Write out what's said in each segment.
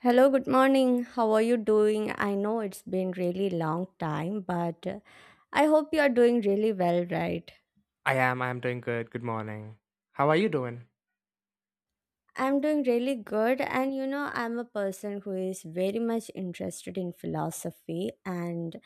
Hello, good morning. How are you doing? I know it's been really long time, but I hope you are doing really well, right? I am doing good. Good morning. How are you doing? I'm doing really good, and you know, I'm a person who is very much interested in philosophy, and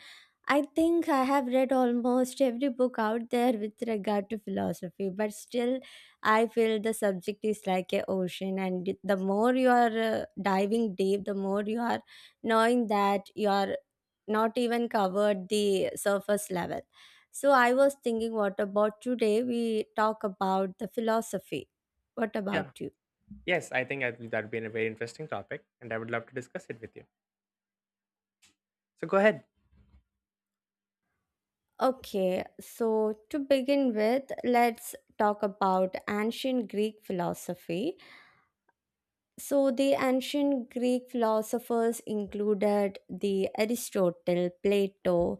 I think I have read almost every book out there with regard to philosophy, but still, I feel the subject is like a ocean, and the more you are diving deep, the more you are knowing that you are not even covered the surface level. So I was thinking, what about today? We talk about the philosophy. What about Yeah. you? Yes, I think that would be a very interesting topic, and I would love to discuss it with you. So go ahead. Okay, so to begin with, let's talk about ancient Greek philosophy. So the ancient Greek philosophers included the Aristotle, Plato.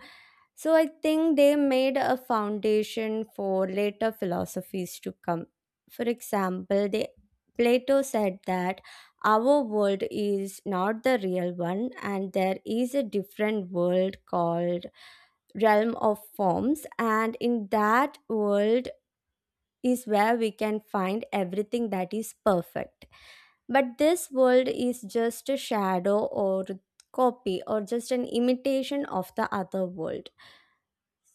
So I think they made a foundation for later philosophies to come. For example, they, Plato said that our world is not the real one, and there is a different world called realm of forms, and in that world is where we can find everything that is perfect. But this world is just a shadow or copy or just an imitation of the other world.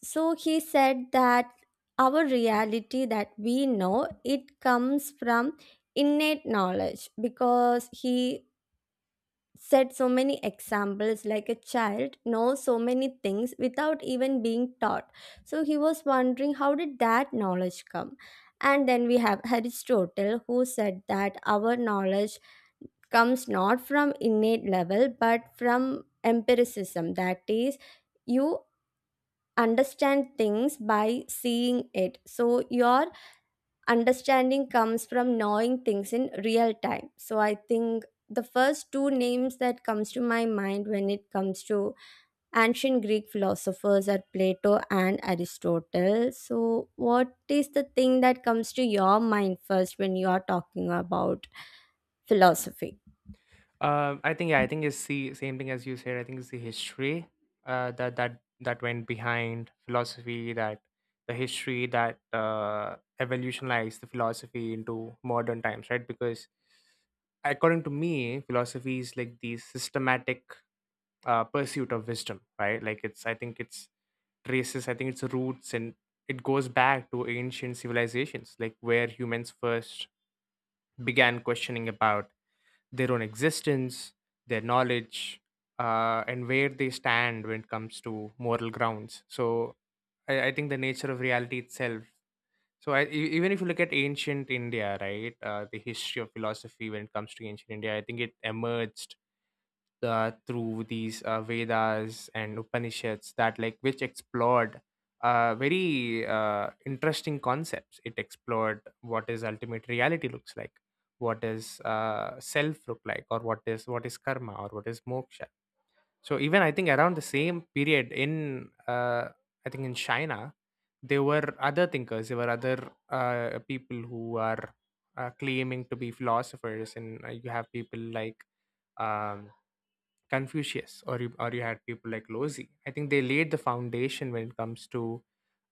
So he said that our reality that we know it comes from innate knowledge, because he said so many examples like a child knows so many things without even being taught. So he was wondering how did that knowledge come. And then we have Aristotle, who said that our knowledge comes not from innate level but from empiricism, that is, you understand things by seeing it. So your understanding comes from knowing things in real time. So I think the first two names that comes to my mind when it comes to ancient Greek philosophers are Plato and Aristotle. So what is the thing that comes to your mind first when you are talking about philosophy? I think, yeah, I think it's the same thing as you said. I think it's the history that went behind philosophy. That the history that evolutionized the philosophy into modern times, right? Because according to me, philosophy is like the systematic pursuit of wisdom, right? Like, it's, I think it's traces, I think its roots, and it goes back to ancient civilizations, like where humans first began questioning about their own existence, their knowledge, and where they stand when it comes to moral grounds. So, I think the nature of reality itself. So, even if you look at ancient India, right? The history of philosophy when it comes to ancient India, I think it emerged through these Vedas and Upanishads that, like, which explored very interesting concepts. It explored what is ultimate reality looks like, what is self look like, or what is karma, or what is moksha. So even I think around the same period in I think in China, there were other thinkers. There were other people who are claiming to be philosophers, and you have people like um, Confucius, or you had people like Lozi. I think they laid the foundation when it comes to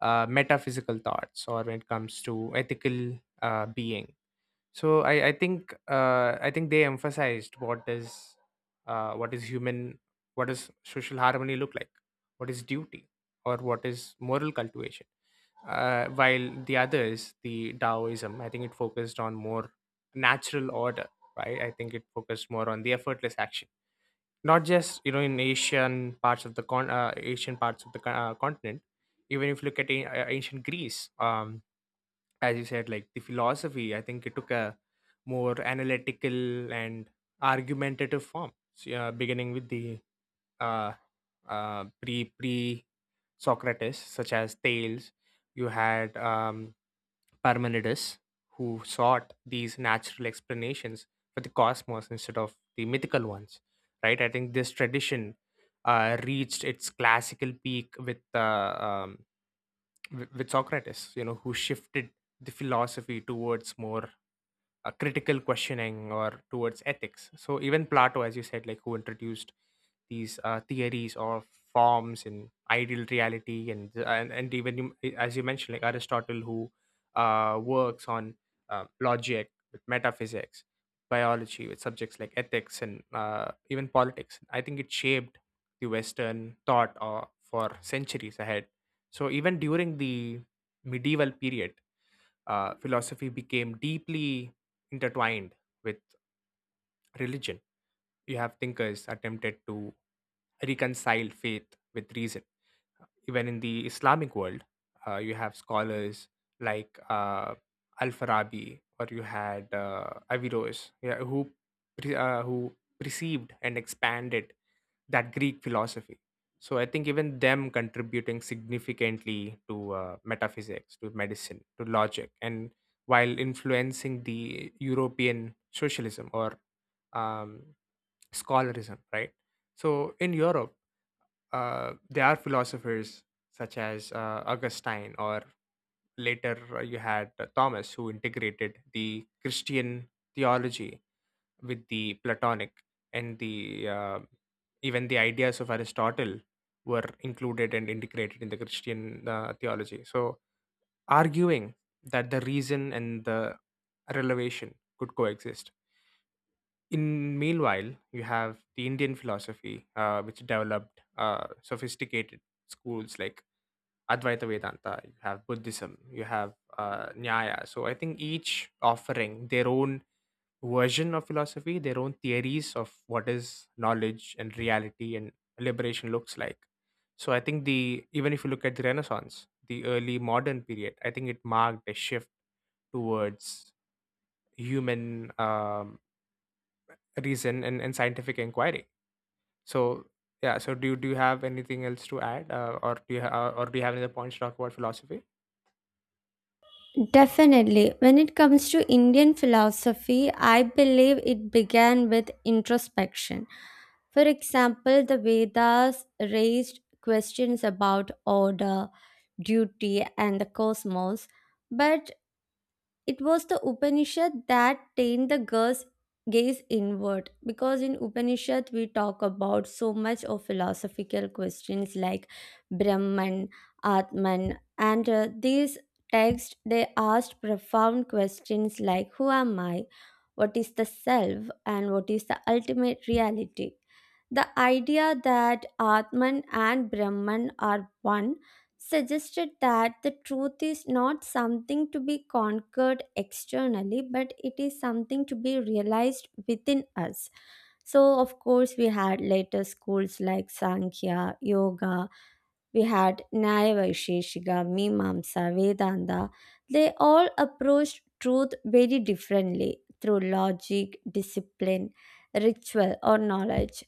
metaphysical thoughts, or when it comes to ethical being. So I think they emphasized what is human, what does social harmony look like, what is duty, or what is moral cultivation. While the others, the Taoism, I think it focused on more natural order, right? I think it focused more on the effortless action, not just, you know, in Asian parts of the con Asian parts of the continent. Even if you look at ancient Greece, um, as you said, like the philosophy, I think it took a more analytical and argumentative form. So, yeah, beginning with the uh, pre- socrates such as Thales, you had Parmenides, who sought these natural explanations for the cosmos instead of the mythical ones, right? I think this tradition reached its classical peak with with Socrates, you know, who shifted the philosophy towards more critical questioning or towards ethics. So even Plato, as you said, like, who introduced these theories or forms in ideal reality, and even you, as you mentioned, like Aristotle, who works on logic with metaphysics, biology, with subjects like ethics and even politics. I think it shaped the Western thought for centuries ahead. So even during the medieval period, philosophy became deeply intertwined with religion. You have thinkers attempted to reconcile faith with reason. Even in the Islamic world, you have scholars like Al Farabi, or you had Averroes, yeah, who who perceived and expanded that Greek philosophy. So I think even them contributing significantly to metaphysics, to medicine, to logic, and while influencing the European socialism, or um, scholarism, right? So in Europe, there are philosophers such as Augustine, or later you had Thomas, who integrated the Christian theology with the Platonic, and the even the ideas of Aristotle were included and integrated in the Christian theology. So, arguing that the reason and the revelation could coexist. In meanwhile, you have the Indian philosophy, which developed sophisticated schools like Advaita Vedanta, you have Buddhism, you have Nyaya. So I think each offering their own version of philosophy, their own theories of what is knowledge and reality and liberation looks like. So I think the, even if you look at the Renaissance, the early modern period, I think it marked a shift towards human reason and scientific inquiry. So yeah, so do you have anything else to add, or do you or do you have any other points to talk about philosophy? Definitely. When it comes to Indian philosophy, I believe it began with introspection. For example, the Vedas raised questions about order, duty, and the cosmos, but it was the Upanishad that trained the girl's gaze inward, because in Upanishad we talk about so much of philosophical questions like Brahman, Atman, and these texts they asked profound questions like who am I, what is the self, and what is the ultimate reality. The idea that Atman and Brahman are one suggested that the truth is not something to be conquered externally, but it is something to be realized within us. So, of course, we had later schools like Sankhya, Yoga, we had Nyaya Vaisheshika, Mimamsa, Vedanta. They all approached truth very differently through logic, discipline, ritual, or knowledge.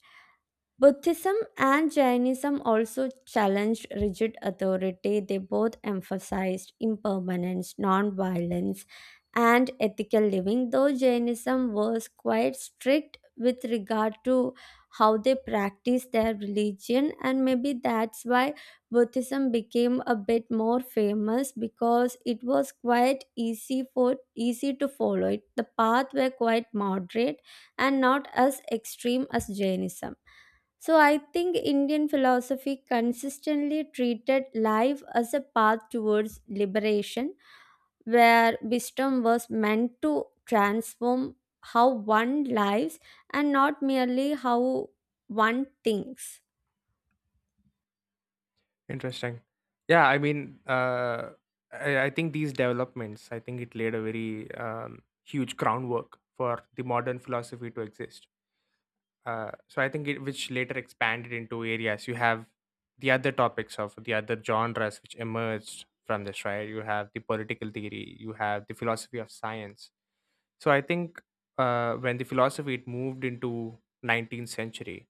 Buddhism and Jainism also challenged rigid authority. They both emphasized impermanence, non-violence, and ethical living, though Jainism was quite strict with regard to how they practice their religion, and maybe that's why Buddhism became a bit more famous because it was quite easy for easy to follow. It the path were quite moderate and not as extreme as Jainism. So I think Indian philosophy consistently treated life as a path towards liberation, where wisdom was meant to transform how one lives and not merely how one thinks. Interesting. Yeah, I mean, I think these developments, I think it laid a very huge groundwork for the modern philosophy to exist. So I think it, which later expanded into areas. You have the other topics of the other genres which emerged from this, right? You have the political theory, you have the philosophy of science. So I think when the philosophy it moved into 19th century,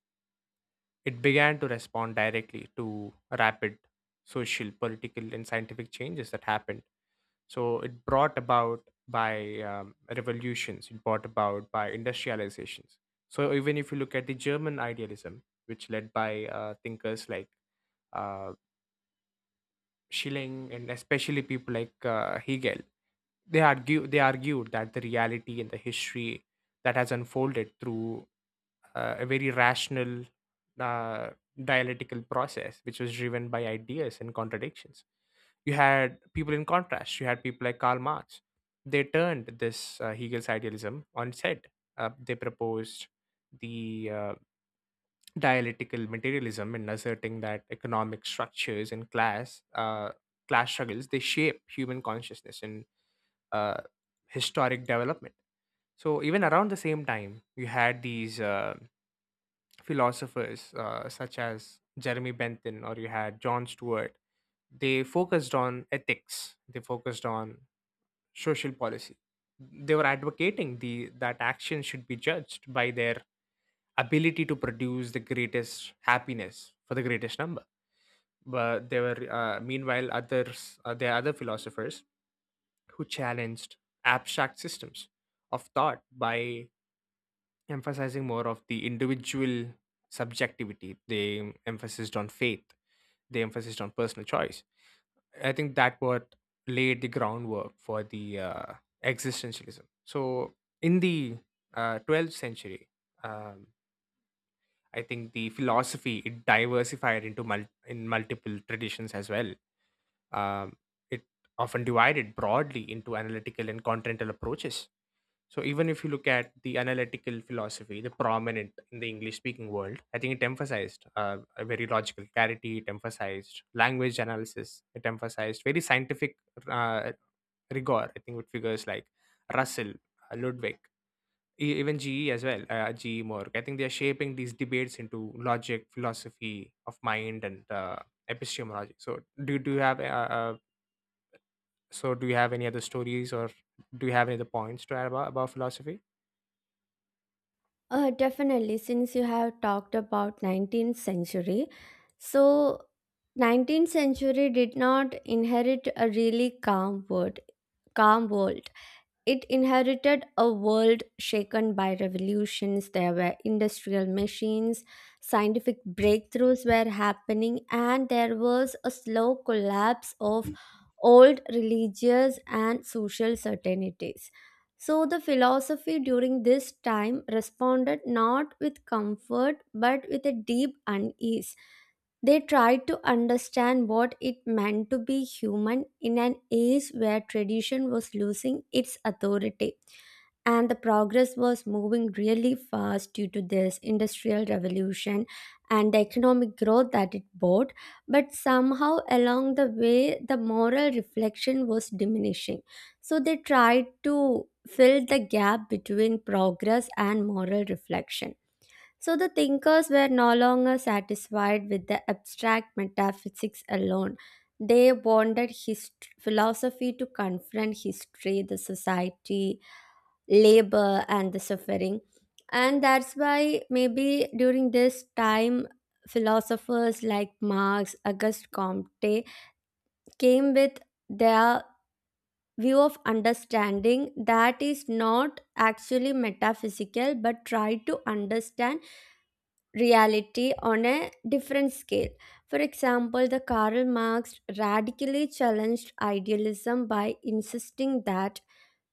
it began to respond directly to rapid social, political, and scientific changes that happened. So it brought about by revolutions, it brought about by industrializations. So even if you look at the German idealism, which led by thinkers like uh, Schilling and especially people like Hegel, they argued that the reality and the history that has unfolded through a very rational uh, dialectical process, which was driven by ideas and contradictions. You had people In contrast, you had people like Karl Marx. They turned this Hegel's idealism on its head. They proposed the dialectical materialism, in asserting that economic structures and class struggles, they shape human consciousness and uh, historic development. So even around the same time, you had these philosophers such as Jeremy Bentham, or you had John Stuart. They focused on ethics, they focused on social policy. They were advocating the that actions should be judged by their ability to produce the greatest happiness for the greatest number. But there were, meanwhile, others, there are other philosophers who challenged abstract systems of thought by emphasizing more of the individual subjectivity. They emphasized on faith. They emphasized on personal choice. I think that what laid the groundwork for the existentialism. So in the 12th century, um, I think the philosophy it diversified into in multiple traditions as well. Um, it often divided broadly into analytical and continental approaches. So even if you look at the analytical philosophy, the prominent in the English speaking world, I think it emphasized a very logical clarity. It emphasized language analysis. It emphasized very scientific uh, rigor. I think with figures like Russell, Ludwig, even GE as well, GE Morg. I think they are shaping these debates into logic, philosophy of mind, and epistemology. So do you have so do you have any other stories, or do you have any other points to add about philosophy? Definitely, since you have talked about 19th century, so 19th century did not inherit a really calm world calm world It inherited a world shaken by revolutions. There were industrial machines, scientific breakthroughs were happening, and there was a slow collapse of old religious and social certainties. So, the philosophy during this time responded not with comfort but with a deep unease. They tried to understand what it meant to be human in an age where tradition was losing its authority. And the progress was moving really fast due to this industrial revolution and the economic growth that it brought. But somehow along the way, the moral reflection was diminishing. So they tried to fill the gap between progress and moral reflection. So the thinkers were no longer satisfied with the abstract metaphysics alone. They wanted his philosophy to confront history, the society, labor, and the suffering. And that's why maybe during this time, philosophers like Marx, Auguste Comte came with their view of understanding that is not actually metaphysical but try to understand reality on a different scale. For example, the Karl Marx radically challenged idealism by insisting that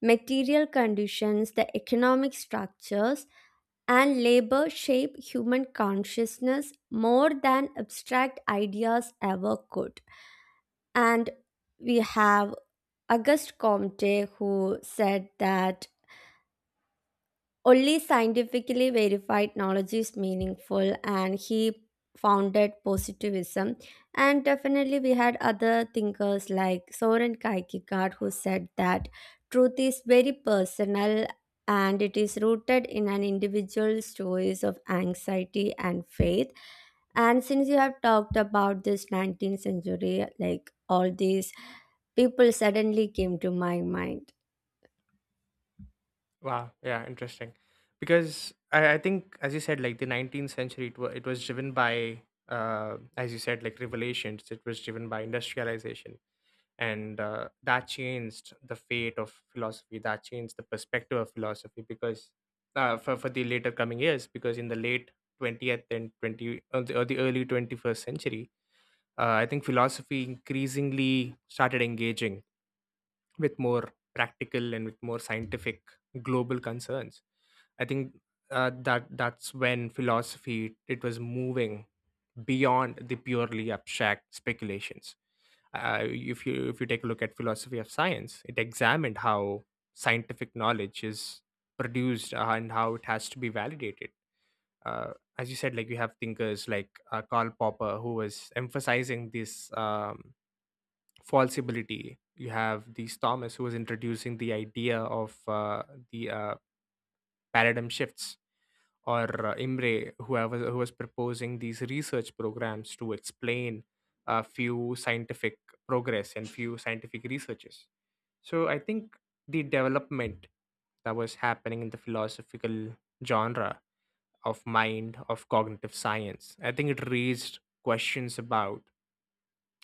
material conditions, the economic structures, and labor shape human consciousness more than abstract ideas ever could. And we have Auguste Comte, who said that only scientifically verified knowledge is meaningful, and he founded positivism. And definitely, we had other thinkers like Soren Kierkegaard, who said that truth is very personal and it is rooted in an individual's choice of anxiety and faith. And since you have talked about this 19th century, like all these people suddenly came to my mind. Wow. Yeah. Interesting. Because I think, as you said, like the 19th century, it was driven by, as you said, like revelations. It was driven by industrialization, and that changed the fate of philosophy. That changed the perspective of philosophy because, for the later coming years, because in the late 20th and 20 or the early 21st century, I think philosophy increasingly started engaging with more practical and with more scientific global concerns. I think that's when philosophy it was moving beyond the purely abstract speculations. If you, if you take a look at philosophy of science, it examined how scientific knowledge is produced, and how it has to be validated. Uh, as you said, like you have thinkers like Karl Popper, who was emphasizing this falsibility. You have these Thomas, who was introducing the idea of the paradigm shifts, or Imre, whoever, who was proposing these research programs to explain a few scientific progress and few scientific researches. So I think the development that was happening in the philosophical genre of mind, of cognitive science, I think it raised questions about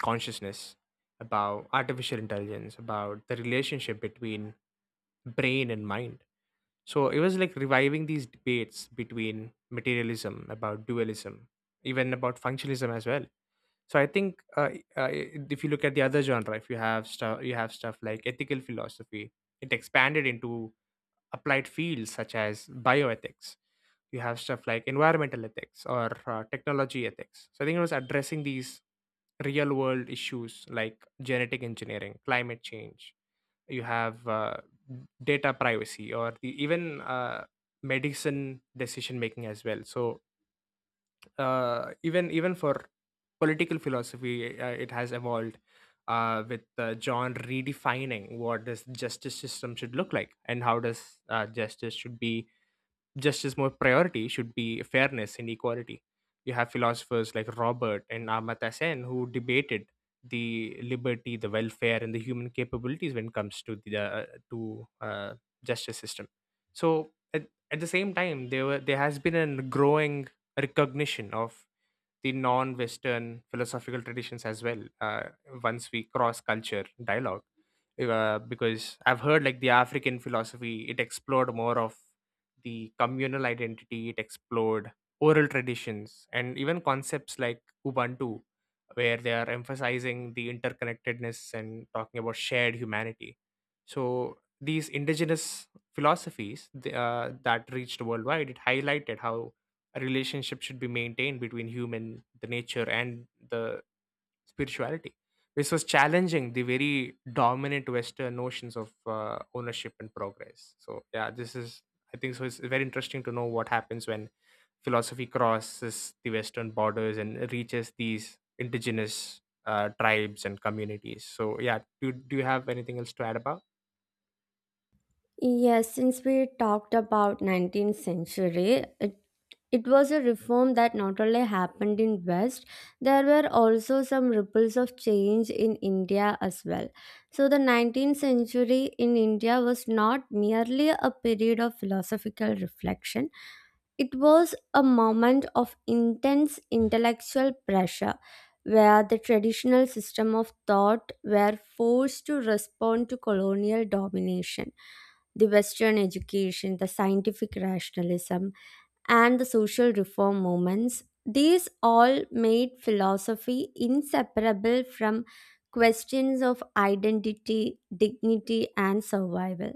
consciousness, about artificial intelligence, about the relationship between brain and mind. So it was like reviving these debates between materialism, about dualism, even about functionalism as well. So I think uh, if you look at the other genre, if you have stuff, you have stuff like ethical philosophy. It expanded into applied fields such as bioethics. You have stuff like environmental ethics, or technology ethics. So I think it was addressing these real world issues like genetic engineering, climate change, you have data privacy, or the even medicine decision making as well. So even, even for political philosophy, it has evolved with John redefining what this justice system should look like and how does justice should be, justice more priority should be fairness and equality. You have philosophers like Robert and Amartya Sen, who debated the liberty, the welfare, and the human capabilities when it comes to the to justice system. So at the same time, there has been a growing recognition of the non-Western philosophical traditions as well. Once we cross culture dialogue, because I've heard like the African philosophy, it explored more of the communal identity, it explored oral traditions, and even concepts like Ubuntu, where they are emphasizing the interconnectedness and talking about shared humanity. So these indigenous philosophies that reached worldwide, it highlighted how a relationship should be maintained between human the nature and the spirituality. This was challenging the very dominant western notions of ownership and progress. So yeah, this is, I think so, it's very interesting to know what happens when philosophy crosses the western borders and reaches these indigenous tribes and communities. So yeah, do you have anything else to add about Yes, since we talked about 19th century, it was a reform that not only happened in West, there were also some ripples of change in India as well. So the 19th century in India was not merely a period of philosophical reflection, it was a moment of intense intellectual pressure where the traditional system of thought were forced to respond to colonial domination, the Western education, the scientific rationalism, and the social reform movements. These all made philosophy inseparable from questions of identity, dignity, and survival.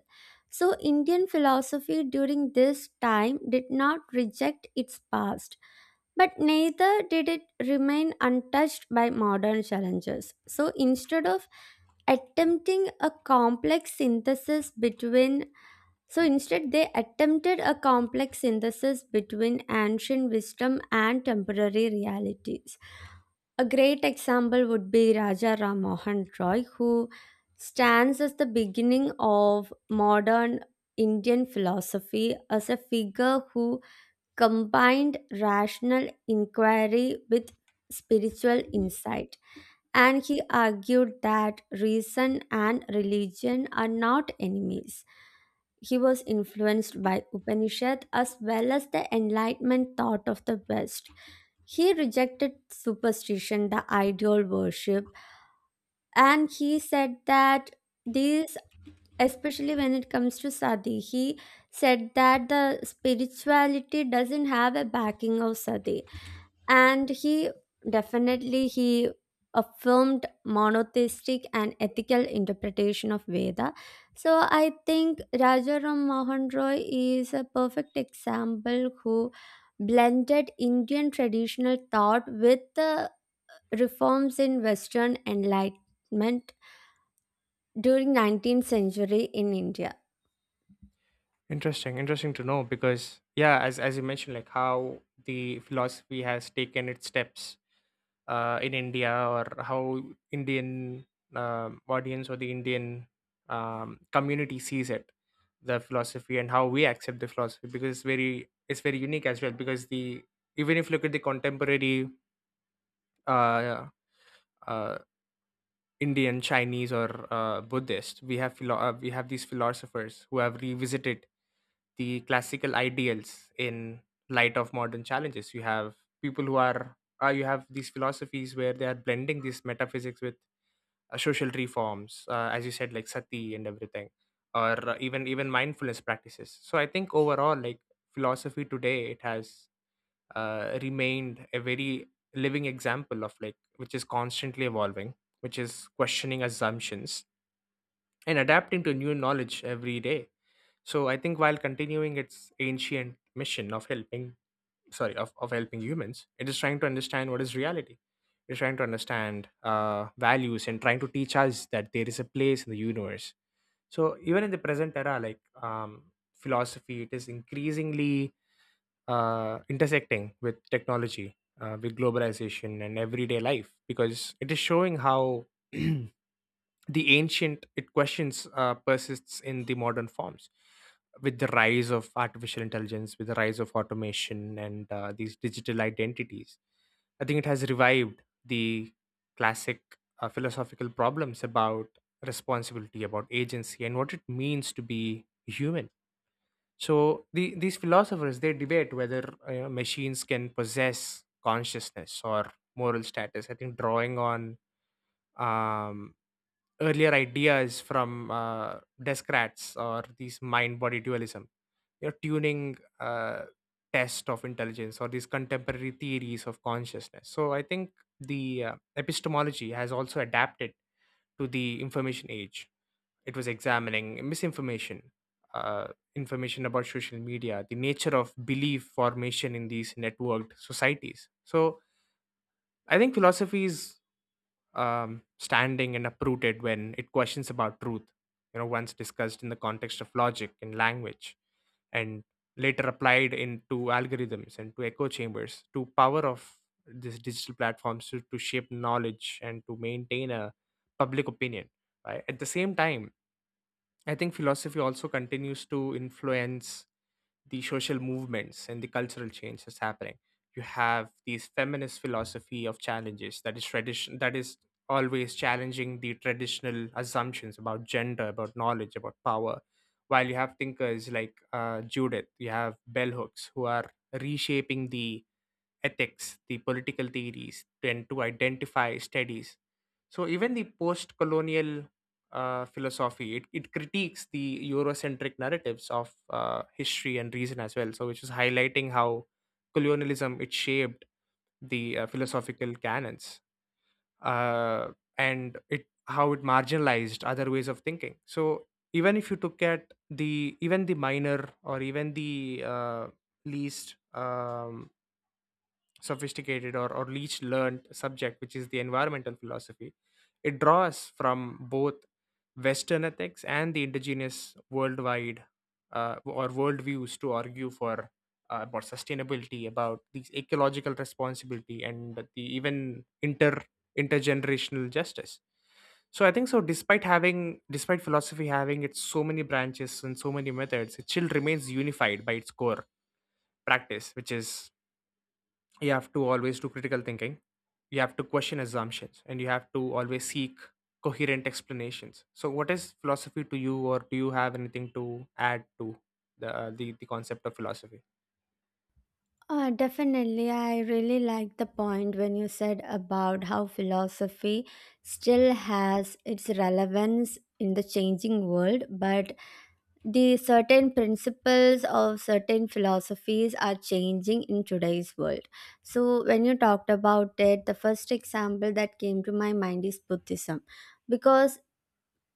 So, Indian philosophy during this time did not reject its past, but neither did it remain untouched by modern challenges. So, instead of attempting a complex synthesis between so instead, they attempted a complex synthesis between ancient wisdom and temporary realities. A great example would be Raja Ram Mohan Roy, who stands as the beginning of modern Indian philosophy as a figure who combined rational inquiry with spiritual insight, and he argued that reason and religion are not enemies. He was influenced by Upanishad as well as the Enlightenment thought of the West. He rejected superstition, the idol worship, and he said that these, especially when it comes to Sati, he said that the spirituality doesn't have a backing of Sati, and he definitely he affirmed monotheistic and ethical interpretation of Veda. So I think Rajaram Mohan Roy is a perfect example who blended Indian traditional thought with the reforms in Western enlightenment during 19th century in India. interesting, interesting to know because yeah, as you mentioned like how the philosophy has taken its steps in India, or how Indian audience, or the Indian community sees it, the philosophy and how we accept the philosophy, because it's very unique as well. Because the even if you look at the contemporary uh, uh, Indian, Chinese, or Buddhist, we have we have these philosophers who have revisited the classical ideals in light of modern challenges. You have people who are you have these philosophies where they are blending these metaphysics with social reforms, as you said, like sati and everything, or even mindfulness practices. So I think overall, like philosophy today, it has remained a very living example of like which is constantly evolving, which is questioning assumptions and adapting to new knowledge every day. So I think while continuing its ancient mission of helping, sorry, of helping humans, it is trying to understand what is reality, it is trying to understand values, and trying to teach us that there is a place in the universe. So even in the present era, like philosophy, it is increasingly intersecting with technology, with globalization and everyday life, because it is showing how the ancient it questions persists in the modern forms. With the rise of artificial intelligence, with the rise of automation and these digital identities, I think it has revived the classic philosophical problems about responsibility, about agency, and what it means to be human. So the, these philosophers they debate whether machines can possess consciousness or moral status. I think drawing on um, earlier ideas from Descartes or these mind-body dualism, you know, tuning test of intelligence or these contemporary theories of consciousness. So I think the epistemology has also adapted to the information age. It was examining misinformation, uh, information about social media, the nature of belief formation in these networked societies. So I think philosophy is standing and uprooted when it questions about truth. You know, once discussed in the context of logic and language, and later applied into algorithms and to echo chambers, to power of these digital platforms to shape knowledge and to maintain a public opinion. Right, at the same time, I think philosophy also continues to influence the social movements and the cultural change that's happening. You have these feminist philosophy of challenges that is tradition that is always challenging the traditional assumptions about gender, about knowledge, about power. While you have thinkers like Judith, you have bell hooks who are reshaping the ethics, the political theories, and to identify studies. So even the post-colonial philosophy, it critiques the Eurocentric narratives of history and reason as well. So which is highlighting how colonialism it shaped the philosophical canons, uh, and it how it marginalized other ways of thinking. So even if you look at the even the minor or even the least sophisticated, or least learned subject, which is the environmental philosophy. It draws from both Western ethics and the indigenous worldwide or worldviews to argue for about sustainability, about these ecological responsibility, and the even intergenerational justice. So I think so. Despite philosophy having its so many branches and so many methods, it still remains unified by its core practice, which is you have to always do critical thinking, you have to question assumptions, and you have to always seek coherent explanations. So what is philosophy to you, or do you have anything to add to the concept of philosophy? Definitely. I really like the point when you said about how philosophy still has its relevance in the changing world, but the certain principles of certain philosophies are changing in today's world. So, when you talked about it, the first example that came to my mind is Buddhism. Because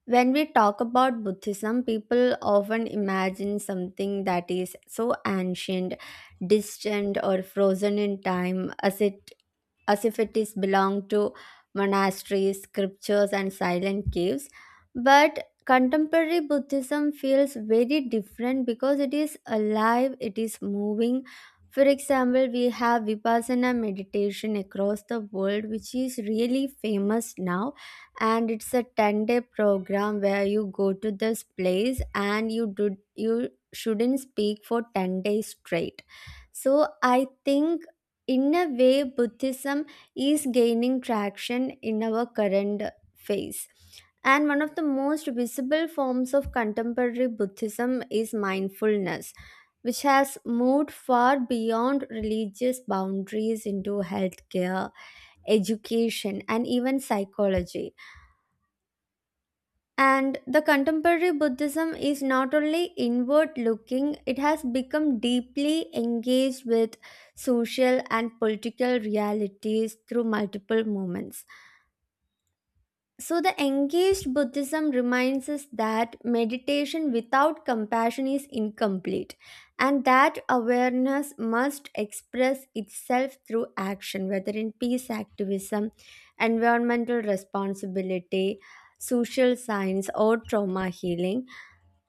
when we talk about Buddhism, people often imagine something that is so ancient, distant, or frozen in time as if it is belonged to monasteries, scriptures, and silent caves. But contemporary Buddhism feels very different because it is alive, it is moving. For example, we have Vipassana meditation across the world, which is really famous now. And it's a 10-day program where you go to this place and you shouldn't speak for 10 days straight. So I think in a way Buddhism is gaining traction in our current phase, and one of the most visible forms of contemporary Buddhism is mindfulness, which has moved far beyond religious boundaries into healthcare, education, and even psychology. And the contemporary Buddhism is not only inward looking, it has become deeply engaged with social and political realities through multiple movements. So, the engaged Buddhism reminds us that meditation without compassion is incomplete, and that awareness must express itself through action, whether in peace activism, environmental responsibility, social science, or trauma healing.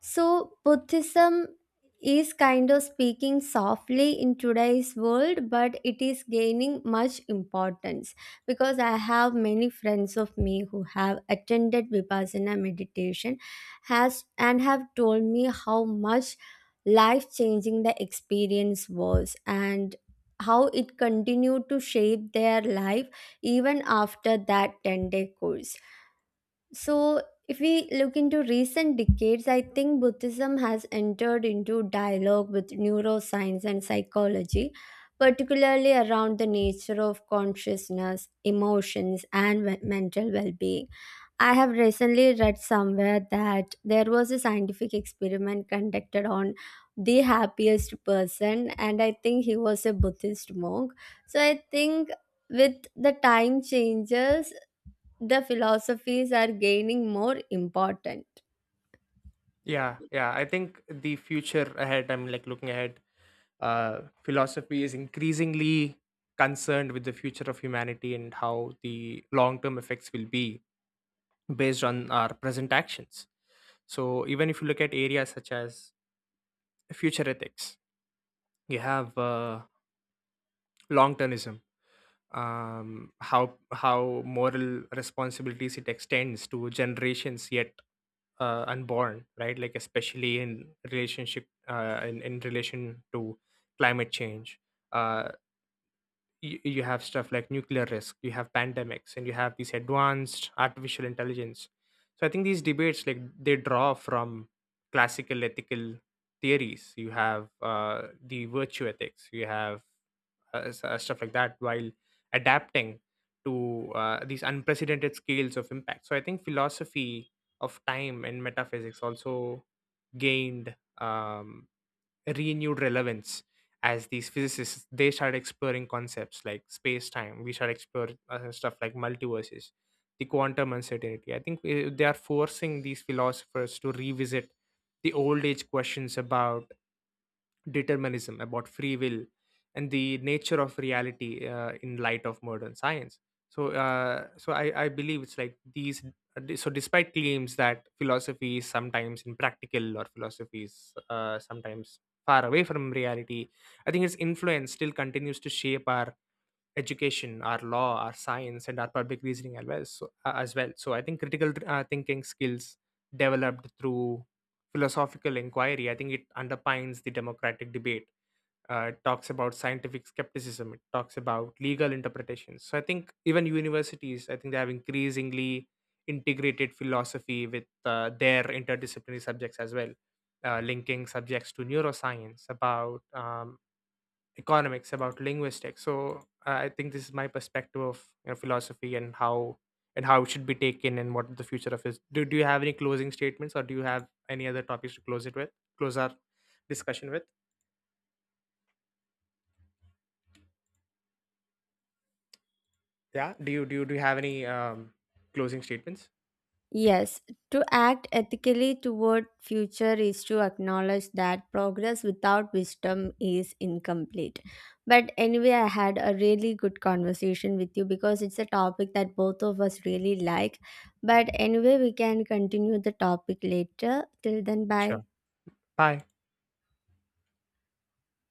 So, Buddhism is kind of speaking softly in today's world, but it is gaining much importance, because I have many friends of me who have attended Vipassana meditation has and have told me how much life changing the experience was, and how it continued to shape their life even after that 10-day course. So, if we look into recent decades, I think Buddhism has entered into dialogue with neuroscience and psychology, particularly around the nature of consciousness, emotions, and mental well being. I have recently read somewhere that there was a scientific experiment conducted on the happiest person, and I think he was a Buddhist monk. So, I think with the time changes the philosophies are gaining more important. Yeah, yeah, I think the future ahead, I'm like looking ahead, uh philosophy is increasingly concerned with the future of humanity and how the long term effects will be based on our present actions. So even if you look at areas such as future ethics, you have long termism, how moral responsibilities it extends to generations yet unborn, right? Like especially in relationship in relation to climate change, uh, you have stuff like nuclear risk, you have pandemics, and you have these advanced artificial intelligence. So I think these debates, like they draw from classical ethical theories, you have the virtue ethics, you have stuff like that, while adapting to these unprecedented scales of impact. So I think philosophy of time and metaphysics also gained renewed relevance as these physicists they started exploring concepts like space time, we started explore stuff like multiverses, the quantum uncertainty. I think they are forcing these philosophers to revisit the old age questions about determinism, about free will, and the nature of reality in light of modern science. So I believe it's like these. So, despite claims that philosophy is sometimes impractical, or philosophy is sometimes far away from reality, I think its influence still continues to shape our education, our law, our science, and our public reasoning as well. So I think critical thinking skills developed through philosophical inquiry, I think it underpins the democratic debate, it talks about scientific skepticism, it talks about legal interpretations. So I think even universities, I think they have increasingly integrated philosophy with their interdisciplinary subjects as well, linking subjects to neuroscience, about economics, about linguistics. So I think this is my perspective of, you know, philosophy and how it should be taken and what the future of is. Do you have any closing statements, or do you have any other topics to close it with, close our discussion with? Yeah, do you do you have any closing statements? Yes, to Yeah. act ethically toward future is to acknowledge that progress without wisdom is incomplete. But anyway, I had a really good conversation with you because it's a topic that both of us really like. But anyway, we can continue the topic later. Till then, bye. Sure. Bye.